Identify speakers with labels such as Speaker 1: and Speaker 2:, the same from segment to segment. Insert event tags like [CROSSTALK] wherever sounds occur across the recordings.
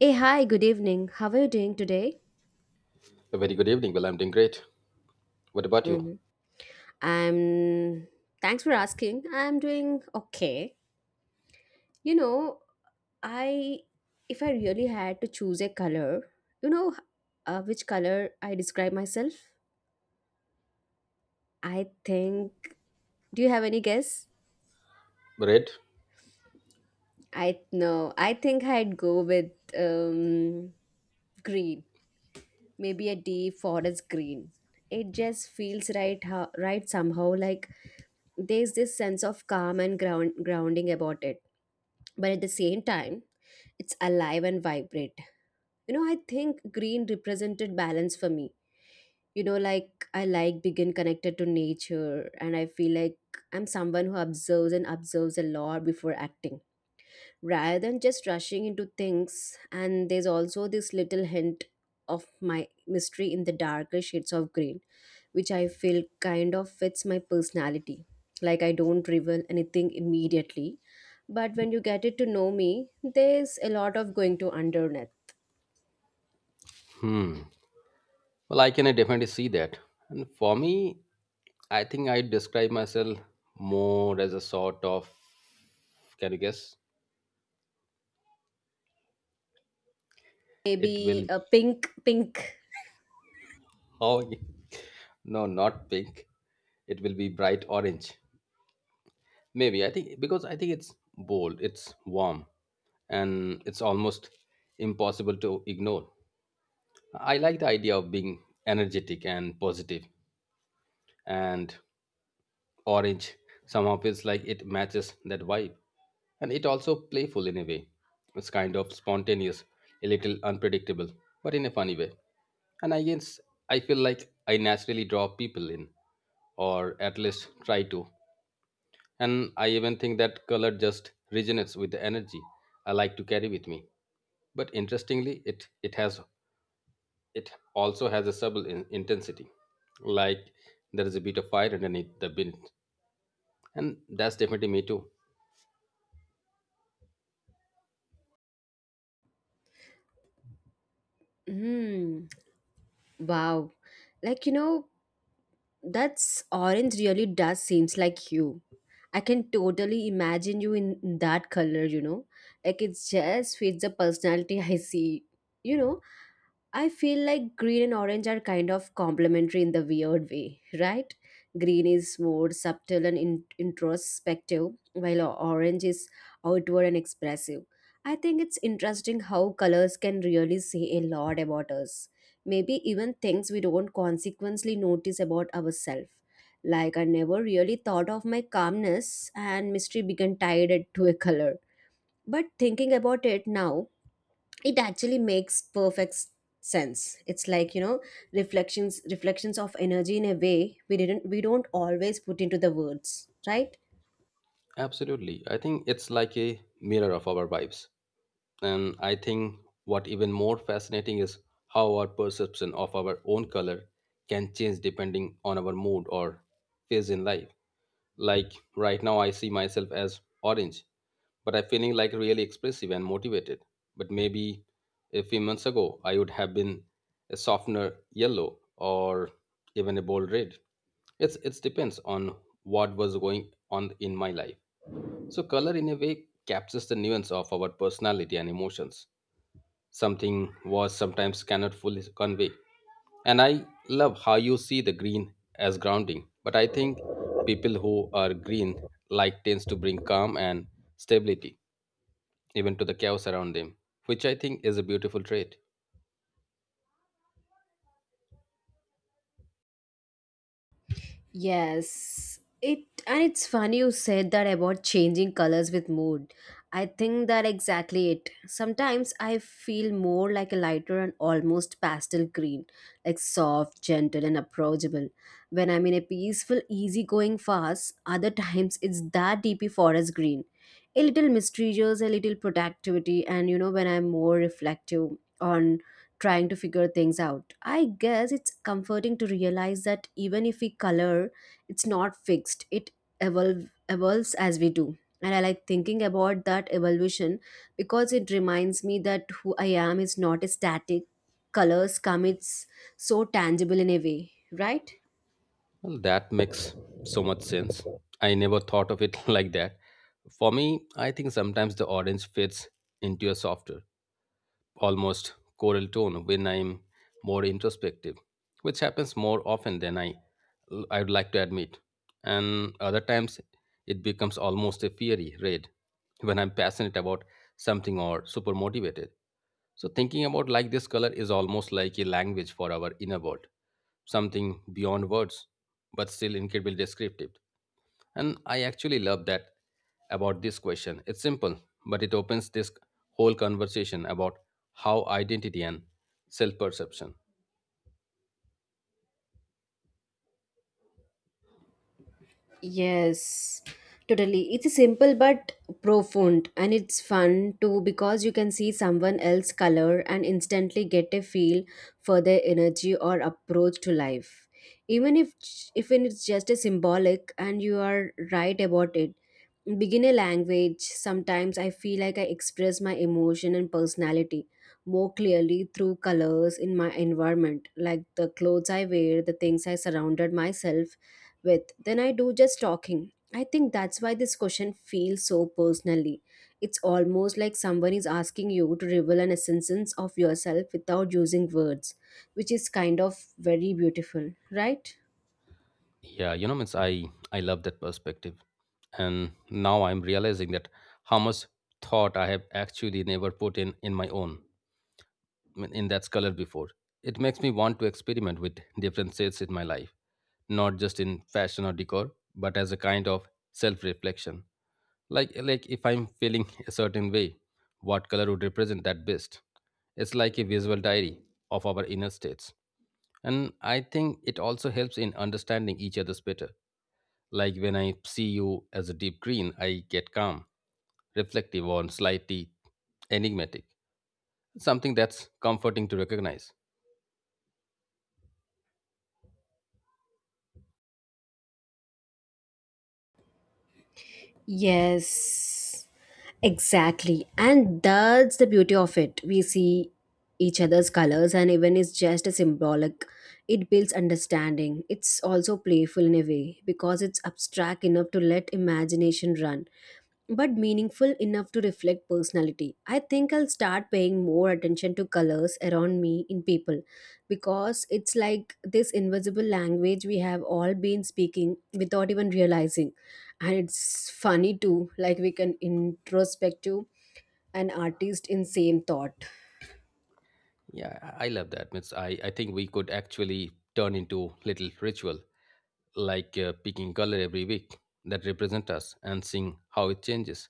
Speaker 1: Hey, hi, good evening. How are you doing today?
Speaker 2: A very good evening. Well, I'm doing great. What about you?
Speaker 1: Hmm. I'm. Thanks for asking. I'm doing okay. You know, I. If I really had to choose a color, you know, which color I describe myself? I think. Do you have any guess?
Speaker 2: Great.
Speaker 1: I no. I think I'd go with um, green. Maybe a deep forest green. It just feels right, right somehow. Like there's this sense of calm and grounding about it, but at the same time it's alive and vibrant. You know, I think green represented balance for me. You know, like I like begin connected to nature, and I feel like I'm someone who observes and observes a lot before acting rather than just rushing into things. And there's also this little hint of my mystery in the darker shades of green, which I feel kind of fits my personality. Like, I don't reveal anything immediately, but when you get it to know me, there's a lot of going to underneath.
Speaker 2: Hmm. Well, I can definitely see that. And for me, I think I describe myself more as a sort of. Can you guess? It
Speaker 1: Maybe
Speaker 2: will
Speaker 1: a
Speaker 2: be.
Speaker 1: pink pink.
Speaker 2: Oh, [LAUGHS] no, not pink. It will be bright orange. Maybe I think because I think it's bold. It's warm, and it's almost impossible to ignore. I like the idea of being energetic and positive, and orange somehow feels like it matches that vibe, and it also playful in a way. It's kind of spontaneous, a little unpredictable, but in a funny way. And I guess I feel like I naturally draw people in, or at least try to. And I even think that color just resonates with the energy I like to carry with me. But interestingly, it has, it also has a subtle intensity. Like, there is a bit of fire underneath the bin, and that's definitely me too.
Speaker 1: Hmm. Wow. Like, that's orange really does seems like you. I can totally imagine you in that color. Like it just fits the personality. [LAUGHS] I see. You know, I feel like green and orange are kind of complementary in the weird way, right? Green is more subtle and introspective, while orange is outward and expressive. I think it's interesting how colors can really say a lot about us, maybe even things we don't consequently notice about ourselves. Like, I never really thought of my calmness and mystery began tied it to a color. But thinking about it now, it actually makes perfect sense. It's like, reflections of energy in a way we don't always put into the words, right?
Speaker 2: Absolutely. I think it's like a mirror of our vibes. And I think what even more fascinating is how our perception of our own color can change depending on our mood or phase in life. Like right now I see myself as orange, but I'm feeling like really expressive and motivated. But maybe a few months ago I would have been a softener yellow or even a bold red. It depends on what was going on in my life, so color in a way captures the nuance of our personality and emotions, something words sometimes cannot fully convey. And I love how you see the green as grounding, but I think people who are green like tends to bring calm and stability even to the chaos around them, which I think is a beautiful trait.
Speaker 1: Yes, it's funny you said that about changing colors with mood. I think that exactly it. Sometimes I feel more like a lighter and almost pastel green, like soft, gentle, and approachable. When I'm in a peaceful, easygoing phase, other times it's that deepy forest green, a little mysterious, a little productivity, and when I'm more reflective on trying to figure things out. I guess it's comforting to realize that even if we color, it's not fixed. It evolves as we do. And I like thinking about that evolution because it reminds me that who I am is not static. Colors come, it's so tangible in a way, right?
Speaker 2: Well, that makes so much sense. I never thought of it [LAUGHS] like that. For me, I think sometimes the orange fits into a softer, almost choral tone when I'm more introspective, which happens more often than I would like to admit. And other times it becomes almost a fiery red when I'm passionate about something or super motivated. So thinking about like this, color is almost like a language for our inner world, something beyond words, but still incredibly descriptive. And I actually love that about this question. It's simple, but it opens this whole conversation about how identity and self-perception.
Speaker 1: Yes, totally. It's simple but profound, and it's fun too because you can see someone else's color and instantly get a feel for their energy or approach to life. Even if even it's just a symbolic, and you are right about it. Beginner language. Sometimes I feel like I express my emotion and personality more clearly through colors in my environment, like the clothes I wear, the things I surrounded myself with, than I do just talking. I think that's why this question feels so personally. It's almost like someone is asking you to reveal an essence of yourself without using words, which is kind of very beautiful, right?
Speaker 2: Yeah, you know, means I love that perspective, and now I'm realizing that how much thought I have actually never put in my own, I mean, in that color before. It makes me want to experiment with different shades in my life, not just in fashion or decor, but as a kind of self-reflection. Like, if I'm feeling a certain way, what color would represent that best? It's like a visual diary of our inner states. And I think it also helps in understanding each other's better. Like when I see you as a deep green, I get calm, reflective, or slightly enigmatic, something that's comforting to recognize.
Speaker 1: Yes, exactly. And that's the beauty of it. We see each other's colors, and even it's just a symbolic. It builds understanding. It's also playful in a way because it's abstract enough to let imagination run, but meaningful enough to reflect personality. I think I'll start paying more attention to colors around me in people because it's like this invisible language we have all been speaking without even realizing. And it's funny too, like we can introspect to an artist in same thought.
Speaker 2: Yeah, I love that. Means I think we could actually turn into little ritual, like picking color every week that represent us and seeing how it changes.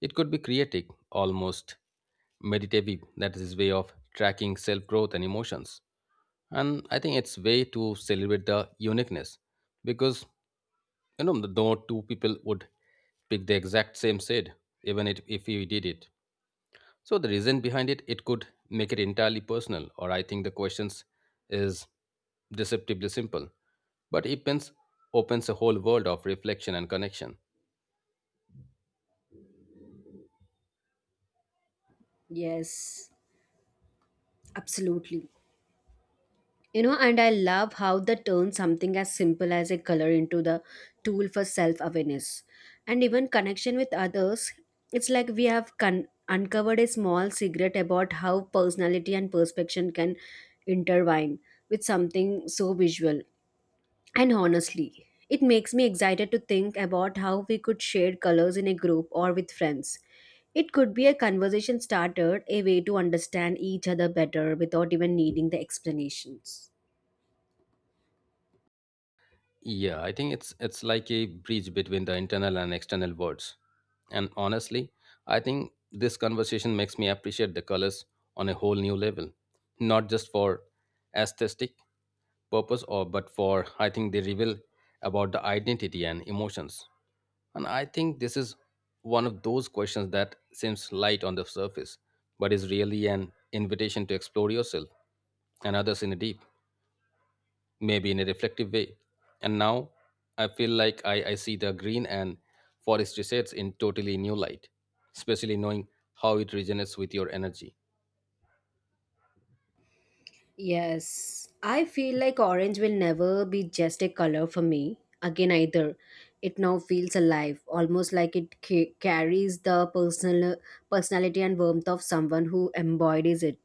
Speaker 2: It could be creative, almost meditative, that is his way of tracking self growth and emotions. And I think it's way to celebrate the uniqueness, because you know the no two people would pick the exact same shade, even it, if we did it. So the reason behind it, it could make it entirely personal. Or I think the questions is deceptively simple. But it pens opens a whole world of reflection and connection.
Speaker 1: Yes, absolutely. And I love how they turn something as simple as a color into the tool for self awareness and even connection with others. It's like we have uncovered a small secret about how personality and perception can intertwine with something so visual. And honestly, it makes me excited to think about how we could share colors in a group or with friends. It could be a conversation starter, a way to understand each other better without even needing the explanations.
Speaker 2: Yeah, I think it's like a bridge between the internal and external worlds. And honestly, I think this conversation makes me appreciate the colors on a whole new level, not just for aesthetic purpose, or but for I think they reveal about the identity and emotions. And I think this is one of those questions that seems light on the surface, but is really an invitation to explore yourself and others in a deep, maybe in a reflective way. And now I feel like I see the green and forestry shades in totally new light, especially knowing how it resonates with your energy.
Speaker 1: Yes, I feel like orange will never be just a color for me again either. It now feels alive, almost like it carries the personality and warmth of someone who embodies it.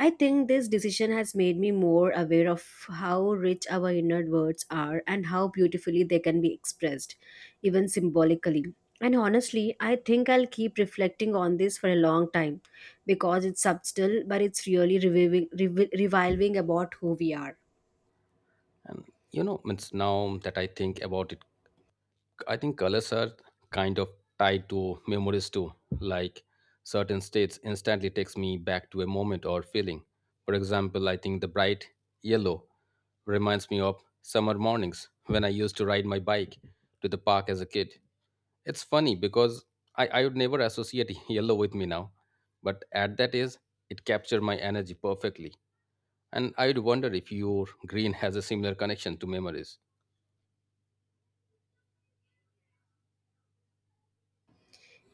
Speaker 1: I think this decision has made me more aware of how rich our inner words are and how beautifully they can be expressed, even symbolically. And honestly, I think I'll keep reflecting on this for a long time because it's subtle, but it's really reviving about who we are.
Speaker 2: And you know, means now that I think about it, I think colors are kind of tied to memories too. Like certain states instantly takes me back to a moment or feeling. For example, I think the bright yellow reminds me of summer mornings when I used to ride my bike to the park as a kid. It's funny because I would never associate [LAUGHS] yellow with me now, but at that age, it captured my energy perfectly. And I would wonder if your green has a similar connection to memories.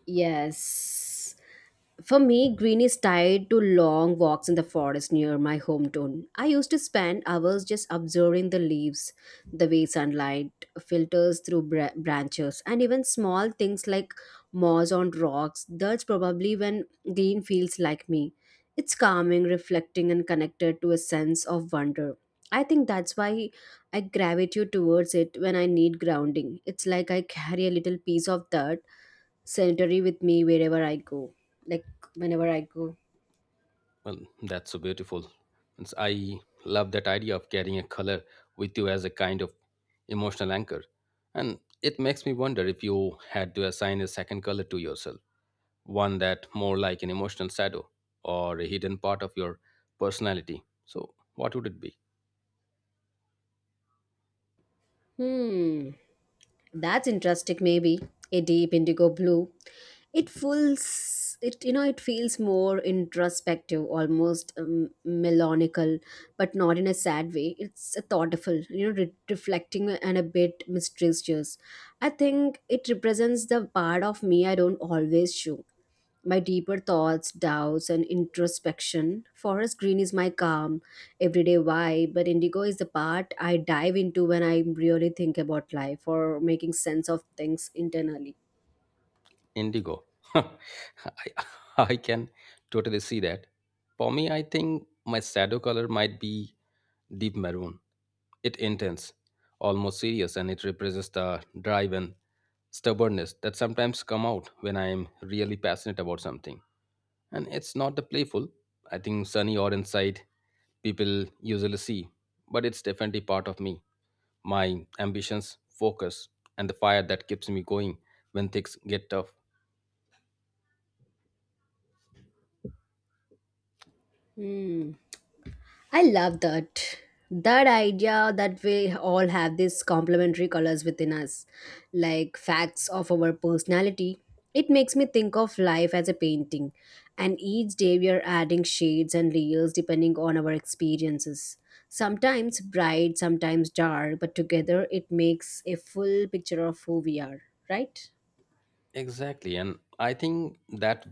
Speaker 1: Yes. For me, green is tied to long walks in the forest near my hometown. I used to spend hours just observing the leaves, the way sunlight filters through branches, and even small things like moss on rocks. That's probably when green feels like me. It's calming, reflecting, and connected to a sense of wonder. I think that's why I gravitate towards it when I need grounding. It's like I carry a little piece of that sanitary with me wherever I go. Like whenever I go.
Speaker 2: Well, that's so beautiful. Means I love that idea of carrying a color with you as a kind of emotional anchor. And it makes me wonder if you had to assign a second color to yourself, one that more like an emotional shadow or a hidden part of your personality. So, what would it be?
Speaker 1: Hmm. That's interesting maybe. A deep indigo blue. It feels it you know it feels more introspective, almost melodical, but not in a sad way. It's a thoughtful, reflecting and a bit mysterious. I think it represents the part of me I don't always show, my deeper thoughts, doubts, and introspection. Forest green is my calm, everyday vibe, but indigo is the part I dive into when I really think about life or making sense of things internally.
Speaker 2: Indigo. [LAUGHS] I, I can totally see that. For me, I think my shadow color might be deep maroon. It intense, almost serious, and it represents the drive and stubbornness that sometimes come out when I am really passionate about something. And it's not the playful, I think sunny orange side people usually see, but it's definitely part of me. My ambitions, focus, and the fire that keeps me going when things get tough.
Speaker 1: Hmm. I love that. That idea that we all have these complementary colors within us, like facts of our personality. It makes me think of life as a painting, and each day we are adding shades and layers depending on our experiences. Sometimes bright, sometimes dark, but together it makes a full picture of who we are, right?
Speaker 2: Exactly, and I think that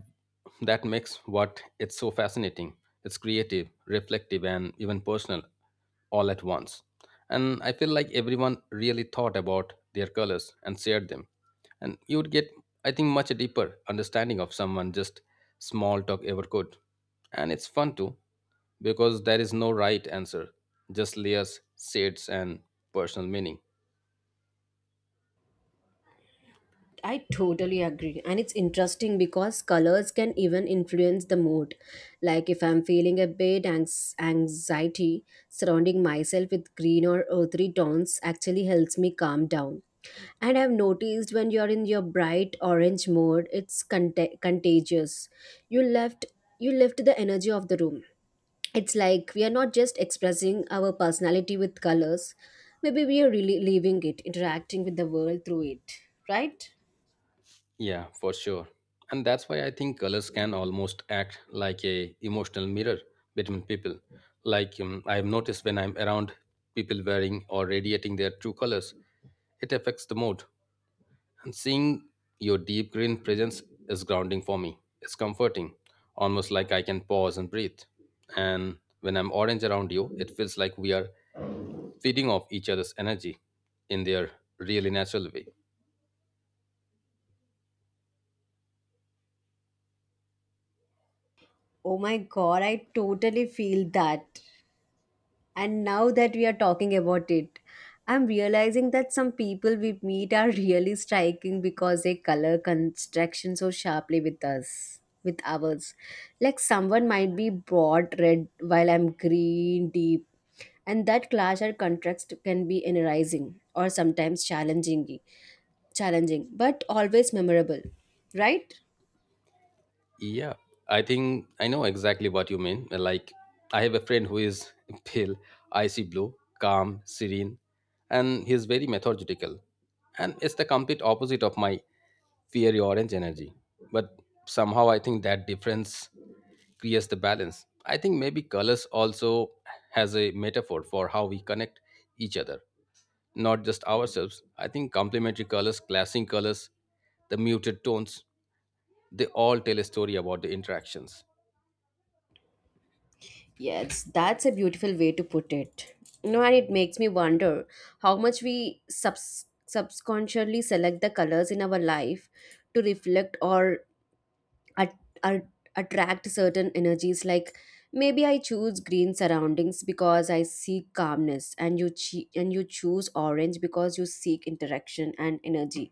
Speaker 2: makes what it's so fascinating. It's creative, reflective, and even personal, all at once. And I feel like everyone really thought about their colors and shared them, and you would get, I think, much deeper understanding of someone just small talk ever could. And it's fun too, because there is no right answer, just layers, shades, and personal meaning.
Speaker 1: I totally agree. And it's interesting because colors can even influence the mood. Like if I'm feeling a bit anxiety, surrounding myself with green or earthy tones actually helps me calm down. And I've noticed when you're in your bright orange mode, it's contagious. You left you lift the energy of the room. It's like we are not just expressing our personality with colors. Maybe we are really leaving it, interacting with the world through it, right?
Speaker 2: Yeah, for sure. And that's why I think colors can almost act like a emotional mirror between people. Like, I've noticed when I'm around people wearing or radiating their true colors, it affects the mood. And seeing your deep green presence is grounding for me. It's comforting, almost like I can pause and breathe. And when I'm orange around you, it feels like we are feeding off each other's energy in their really natural way.
Speaker 1: Oh my god, I totally feel that. And now that we are talking about it, I'm realizing that some people we meet are [LAUGHS] really striking because they color construction so sharply with us, with ours. Like someone might be broad red while I'm green deep, and that clash or contrast can be energizing or sometimes challenging, but always memorable, right?
Speaker 2: Yeah, I think I know exactly what you mean. Like, I have a friend who is [LAUGHS] pale, icy blue, calm, serene, and he's very methodical. And it's the complete opposite of my fiery orange energy. But somehow I think that difference creates the balance. I think maybe colors also has a metaphor for how we connect each other, not just ourselves. I think complementary colors, clashing colors, the muted tones, they all tell a story about the interactions.
Speaker 1: Yes, that's a beautiful way to put it. And it makes me wonder how much we subconsciously select the colors in our life to reflect or at, at, attract certain energies. Like maybe I choose green surroundings because I seek calmness, and and you choose orange because you seek interaction and energy.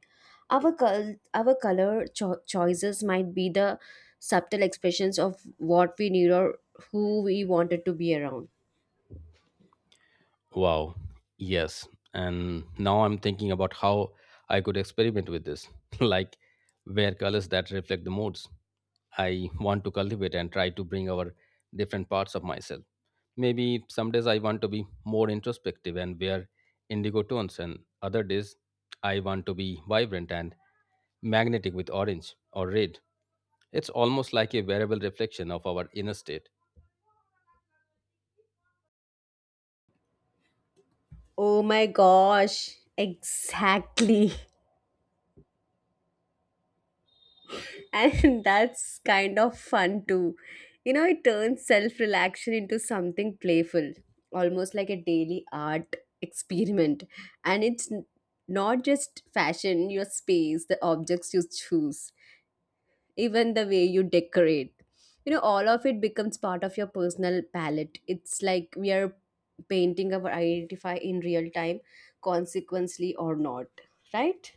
Speaker 1: Our our color choices might be the subtle expressions of what we need or who we wanted to be around.
Speaker 2: Wow. Yes. And now I'm thinking about how I could experiment with this, [LAUGHS] like wear colors that reflect the moods I want to cultivate and try to bring our different parts of myself. Maybe some days I want to be more introspective and wear indigo tones, and other days I want to be vibrant and magnetic with orange or red. It's almost like a variable reflection of our inner state.
Speaker 1: Oh my gosh, exactly. [LAUGHS] And [LAUGHS] that's kind of fun too. You know, it turns self relaxation into something playful, almost like a daily art experiment. And it's not just fashion, your space, the objects you choose, even the way you decorate. You know, all of it becomes part of your personal palette. It's like we are painting our identify in real time, consequently or not, right?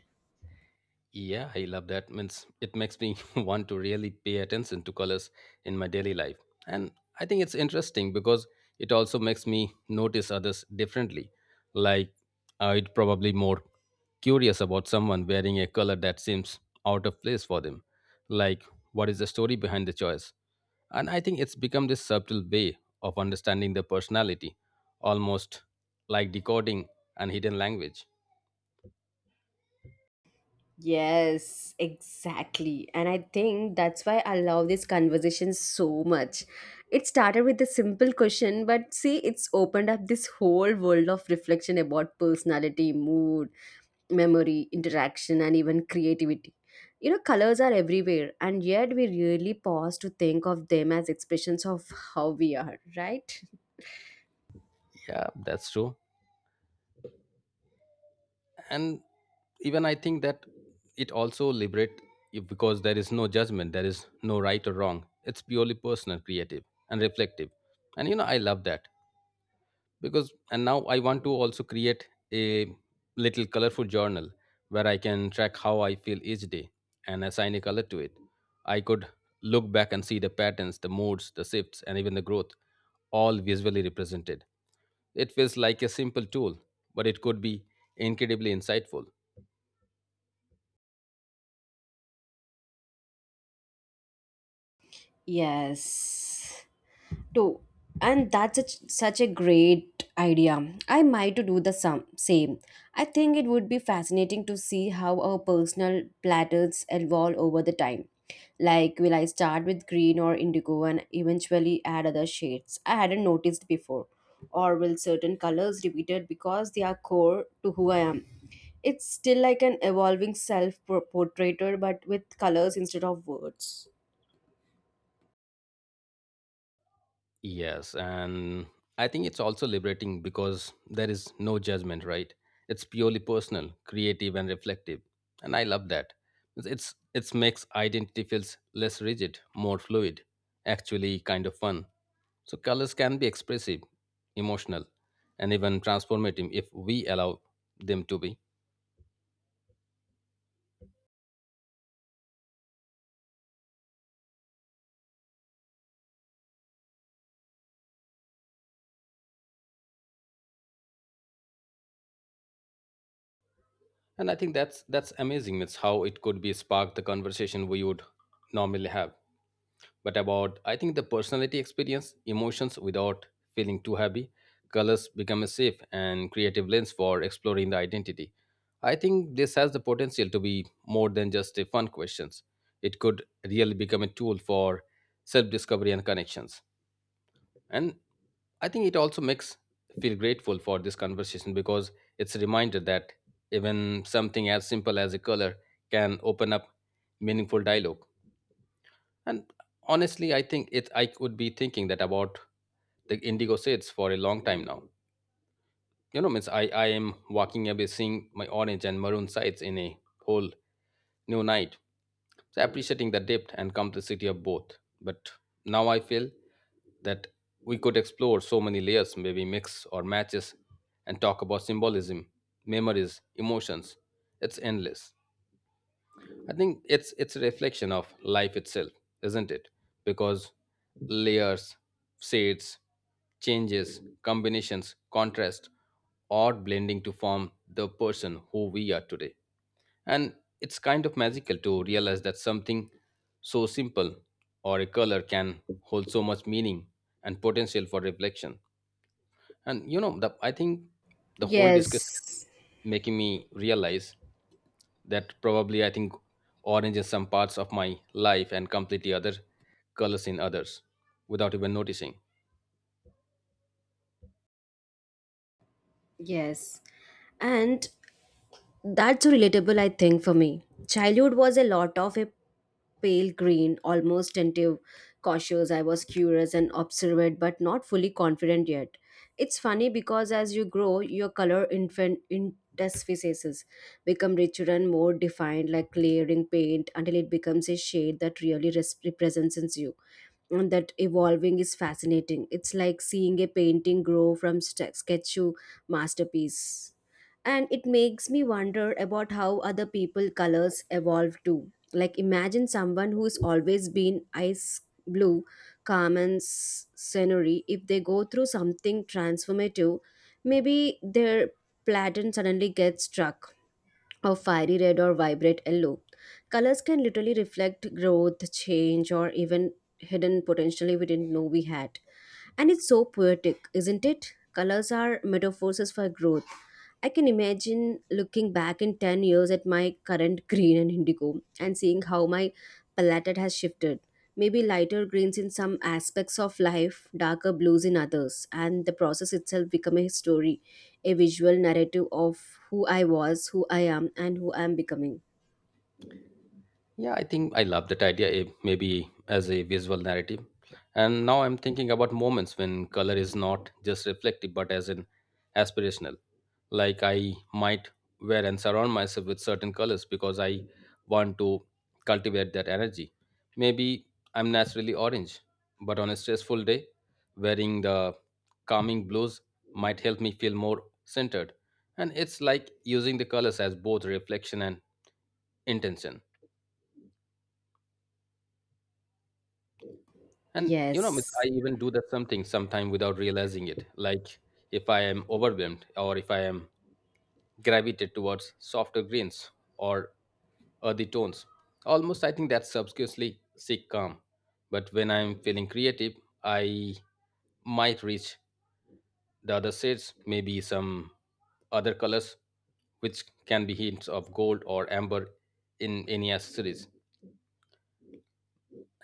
Speaker 2: Yeah, I love that. Means it makes me [LAUGHS] want to really pay attention to colors in my daily life. And I think it's interesting because it also makes me notice others differently. Like I'd probably more curious about someone wearing a color that seems out of place for them. Like what is the story behind the choice? And I think it's become this subtle way of understanding the personality, almost like decoding an hidden language.
Speaker 1: Yes, exactly. And I think that's why I love this conversation so much. It started with a simple question, but see, it's opened up this whole world of reflection about personality, mood, memory, interaction, and even creativity. You know, colors are everywhere, and yet we really pause to think of them as expressions of how we are, right?
Speaker 2: Yeah, that's true. And even I think that it also liberate you, because there is no judgment, there is no right or wrong. It's purely personal, creative, and reflective. And you know, I love that. Because and now I want to also create a little colorful journal where I can track how I feel each day and assign a color to it. I could look back and see the patterns, the moods, the shifts, and even the growth, all visually represented. It feels like a simple tool, but it could be incredibly insightful.
Speaker 1: Yes, too, and that's such a great idea. I might do the same. I think it would be fascinating to see how our personal platters evolve over the time. Like, will I start with green or indigo and eventually add other shades I hadn't noticed before, or will certain colors repeated because they are core to who I am? It's still like an evolving self portrait, but with colors instead of words.
Speaker 2: Yes, and I think it's also liberating because there is no judgment, right? It's purely personal, creative, and reflective, and I love that. It's makes identity feels less rigid, more fluid, actually kind of fun. So colors can be expressive, emotional, and even transformative if we allow them to be. And I think that's amazing. It's how it could be spark the conversation we would normally have. But about, I think the personality experience emotions without feeling too heavy. Colors become a safe and creative lens for exploring the identity. I think this has the potential to be more than just a fun questions. It could really become a tool for self discovery and connections. And I think it also makes feel grateful for this conversation because it's a reminder that even something as simple as a color can open up meaningful dialogue. And honestly, I think it I could be thinking that about the indigo shades for a long time now. You know, means I am walking away seeing my orange and maroon sides in a whole new night. So appreciating the depth and complexity of both. But now I feel that we could explore so many layers, maybe mix or matches, and talk about symbolism, memories, emotions. It's endless. I think it's a reflection of life itself, isn't it? Because layers, shades, changes, combinations, contrast, or blending to form the person who we are today. And it's kind of magical to realize that something so simple or a color can hold so much meaning and potential for reflection. And you know, I think the whole discussion
Speaker 1: Yes,
Speaker 2: is making me realize that probably I think orange in some parts of my life and completely other colors in others without even noticing.
Speaker 1: yes. And that's so relatable, I think, for me. Childhood was a lot of a pale green, almost tentative, cautious. I was curious and observant, but not fully confident yet. It's funny because as you grow, your color infant interstices become richer and more defined, like layering paint, until it becomes a shade that really represents you, and that evolving is fascinating. It's like seeing a painting grow from sketch to masterpiece. And it makes me wonder about how other people colors evolve too. Like imagine someone who's always been ice blue, calm and scenery. If they go through something transformative, maybe their pattern suddenly gets struck of fiery red or vibrant yellow. Colors can literally reflect growth, change, or even hidden potentially we didn't know we had. And it's so poetic, isn't it? Colors are metaphors for growth. I can imagine looking back in 10 years at my current [LAUGHS] green and indigo and seeing how my palette has shifted. Maybe lighter greens in some aspects of life, darker blues in others, and the process itself become a story, a visual narrative of who I was, who I am, and who I am becoming.
Speaker 2: Yeah, I think I love that idea, maybe as a visual narrative. And now I'm thinking about moments when color is not just reflective but as an aspirational. Like I might wear and surround myself with certain colors because I want to cultivate that energy. Maybe I'm naturally orange, but on a stressful day, wearing the calming blues might help me feel more centered. And it's like using the colors as both reflection and intention. And you know, miss, I
Speaker 1: Yes,
Speaker 2: even do that something sometime without realizing it. Like if I am overwhelmed or if I am gravitated towards softer greens or earthy tones. Almost I think that's subconsciously seek calm. But when I'm feeling creative, I might reach the other shades, maybe some other colors, which can be hints of gold or amber in any accessories.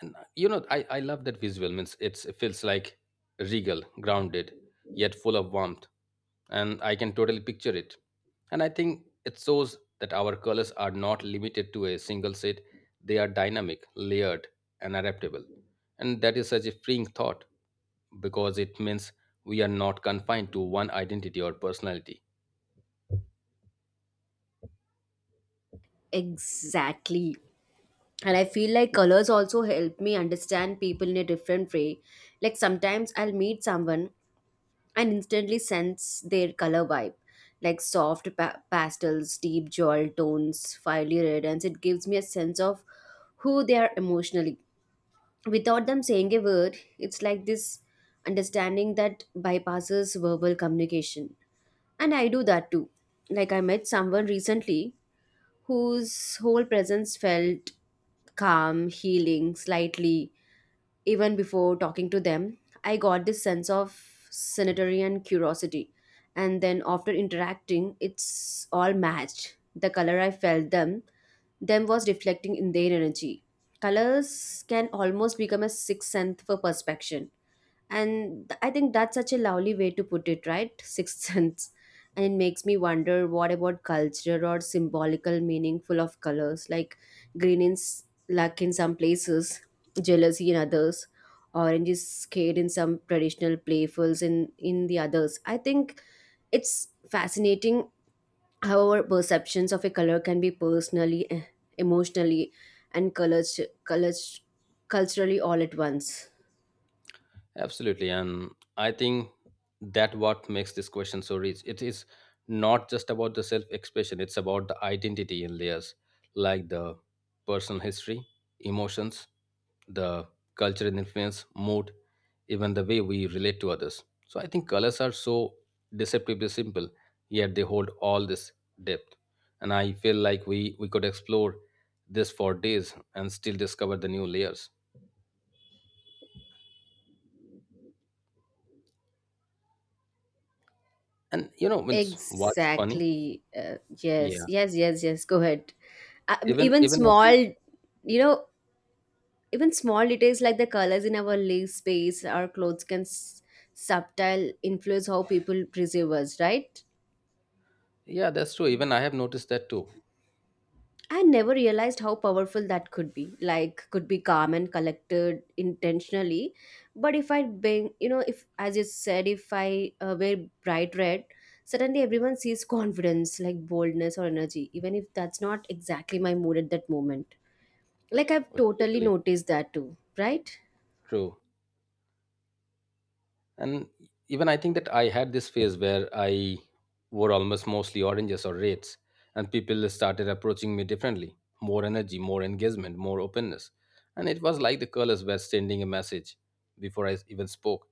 Speaker 2: And you know, I love that visual means it's it feels like regal grounded yet full of warmth, and I can totally picture it. And I think it shows that our colors are not limited to a single set. They are dynamic, layered, and adaptable. And that is such a freeing thought because it means we are not confined to one identity or personality.
Speaker 1: exactly. And I feel like colors also help me understand people in a different way. Like sometimes I'll meet someone and instantly sense their color vibe, like soft pastels, deep jewel tones, fiery red, and it gives me a sense of who they are emotionally without them saying a word. It's like this understanding that bypasses verbal communication. And I do that too. Like I met someone recently whose whole presence felt calm, healing, slightly, even before talking to them, I got this sense of sanitary and curiosity. And then after interacting, it's all matched. The color I felt them was reflecting in their energy. Colors can almost become a sixth sense for perception. And I think that's such a lovely way to put it, right? [LAUGHS] Sixth sense. And it makes me wonder what about culture or symbolical meaningful of colors, like green is luck in some places, jealousy in others, orange is scared in some traditional playfuls in the others. I think it's fascinating how our perceptions of a color can be personally, emotionally, and colors culturally all at once.
Speaker 2: Absolutely, and I think that what makes this question so rich. It is not just about the self-expression; it's about the identity in layers, like the personal history, emotions, the culture and influence, mood, even the way we relate to others. So I think colors are so deceptively simple, yet they hold all this depth. And I feel like we could explore this for days and still discover the new layers. And you know, means what's funny?
Speaker 1: Exactly. Yes,
Speaker 2: Yeah.
Speaker 1: yes, yes, yes. Go ahead.
Speaker 2: Even
Speaker 1: Even
Speaker 2: even I
Speaker 1: small,
Speaker 2: think
Speaker 1: you know, even small details like the colors in our living space, our clothes can subtle influence how people perceive us, right?
Speaker 2: yeah, that's true. Even I have noticed that too.
Speaker 1: I never realized how powerful that could be. Like, could be calm and collected intentionally. But if I being, you know, if as you said, if I wear bright red, suddenly everyone sees [LAUGHS] confidence, like boldness or energy, even if that's not exactly my mood at that moment. Like, I've
Speaker 2: Oh,
Speaker 1: totally
Speaker 2: totally
Speaker 1: noticed that too, right?
Speaker 2: true. And even I think that I had this phase where I wore almost mostly oranges or reds, and people started approaching me differently. More energy, more engagement, more openness. And it was like the colors were sending a message before I even spoke.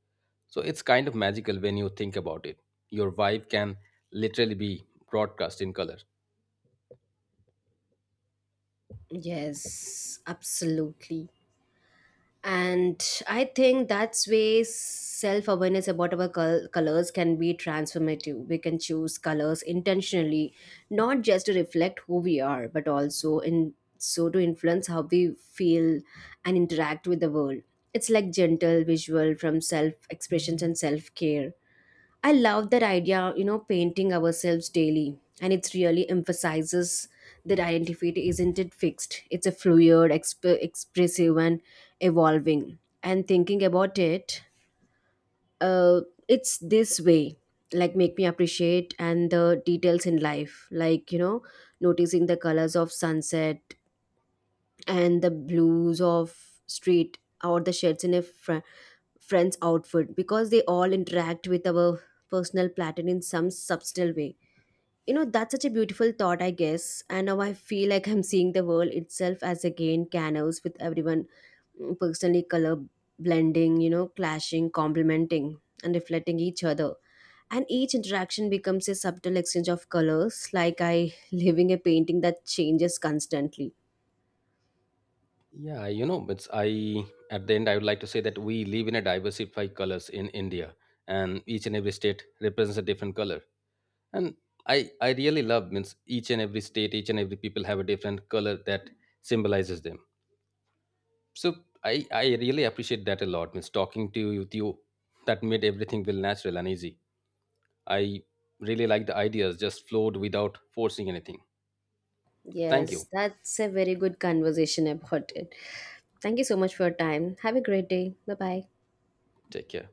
Speaker 2: So it's kind of magical when you think about it. Your vibe can literally be broadcast in color.
Speaker 1: Yes, absolutely. And I think that's way self-awareness about our colors can be transformative. We can choose colors intentionally, not just to reflect who we are but also in so to influence how we feel and interact with the world. It's like gentle visual from self expressions and self care. I love that idea, you know, painting ourselves daily. And it really emphasizes that identity isn't it fixed. It's a fluid, expressive, and evolving. And thinking about it, uh, it's this way like make me appreciate and the details in life, like you know, noticing the colors of sunset and the blues of street or the shirts in a friend's outfit because they all interact with our personal pattern in some subtle way. You know, that's such a beautiful thought, I guess, and now I feel like I'm seeing the world itself as again canals with everyone, mm, personally color blending, you know, clashing, complementing, and reflecting each other. And each interaction becomes a subtle exchange of colors, like I [LAUGHS] living a painting that changes constantly.
Speaker 2: Yeah, you know, it's I at the end I would like to say that we live in a diversified colors in India, and each and every state represents a different color. And I really love means each and every state, each and every people have a different color that symbolizes them. So I really appreciate that a lot. Means talking to you, with you that made everything feel natural and easy. I really like the ideas just flowed without forcing anything. Thank
Speaker 1: Yes,
Speaker 2: you.
Speaker 1: that's a very good conversation about it. Thank you so much for your time. Have a great day. Bye bye.
Speaker 2: Take care.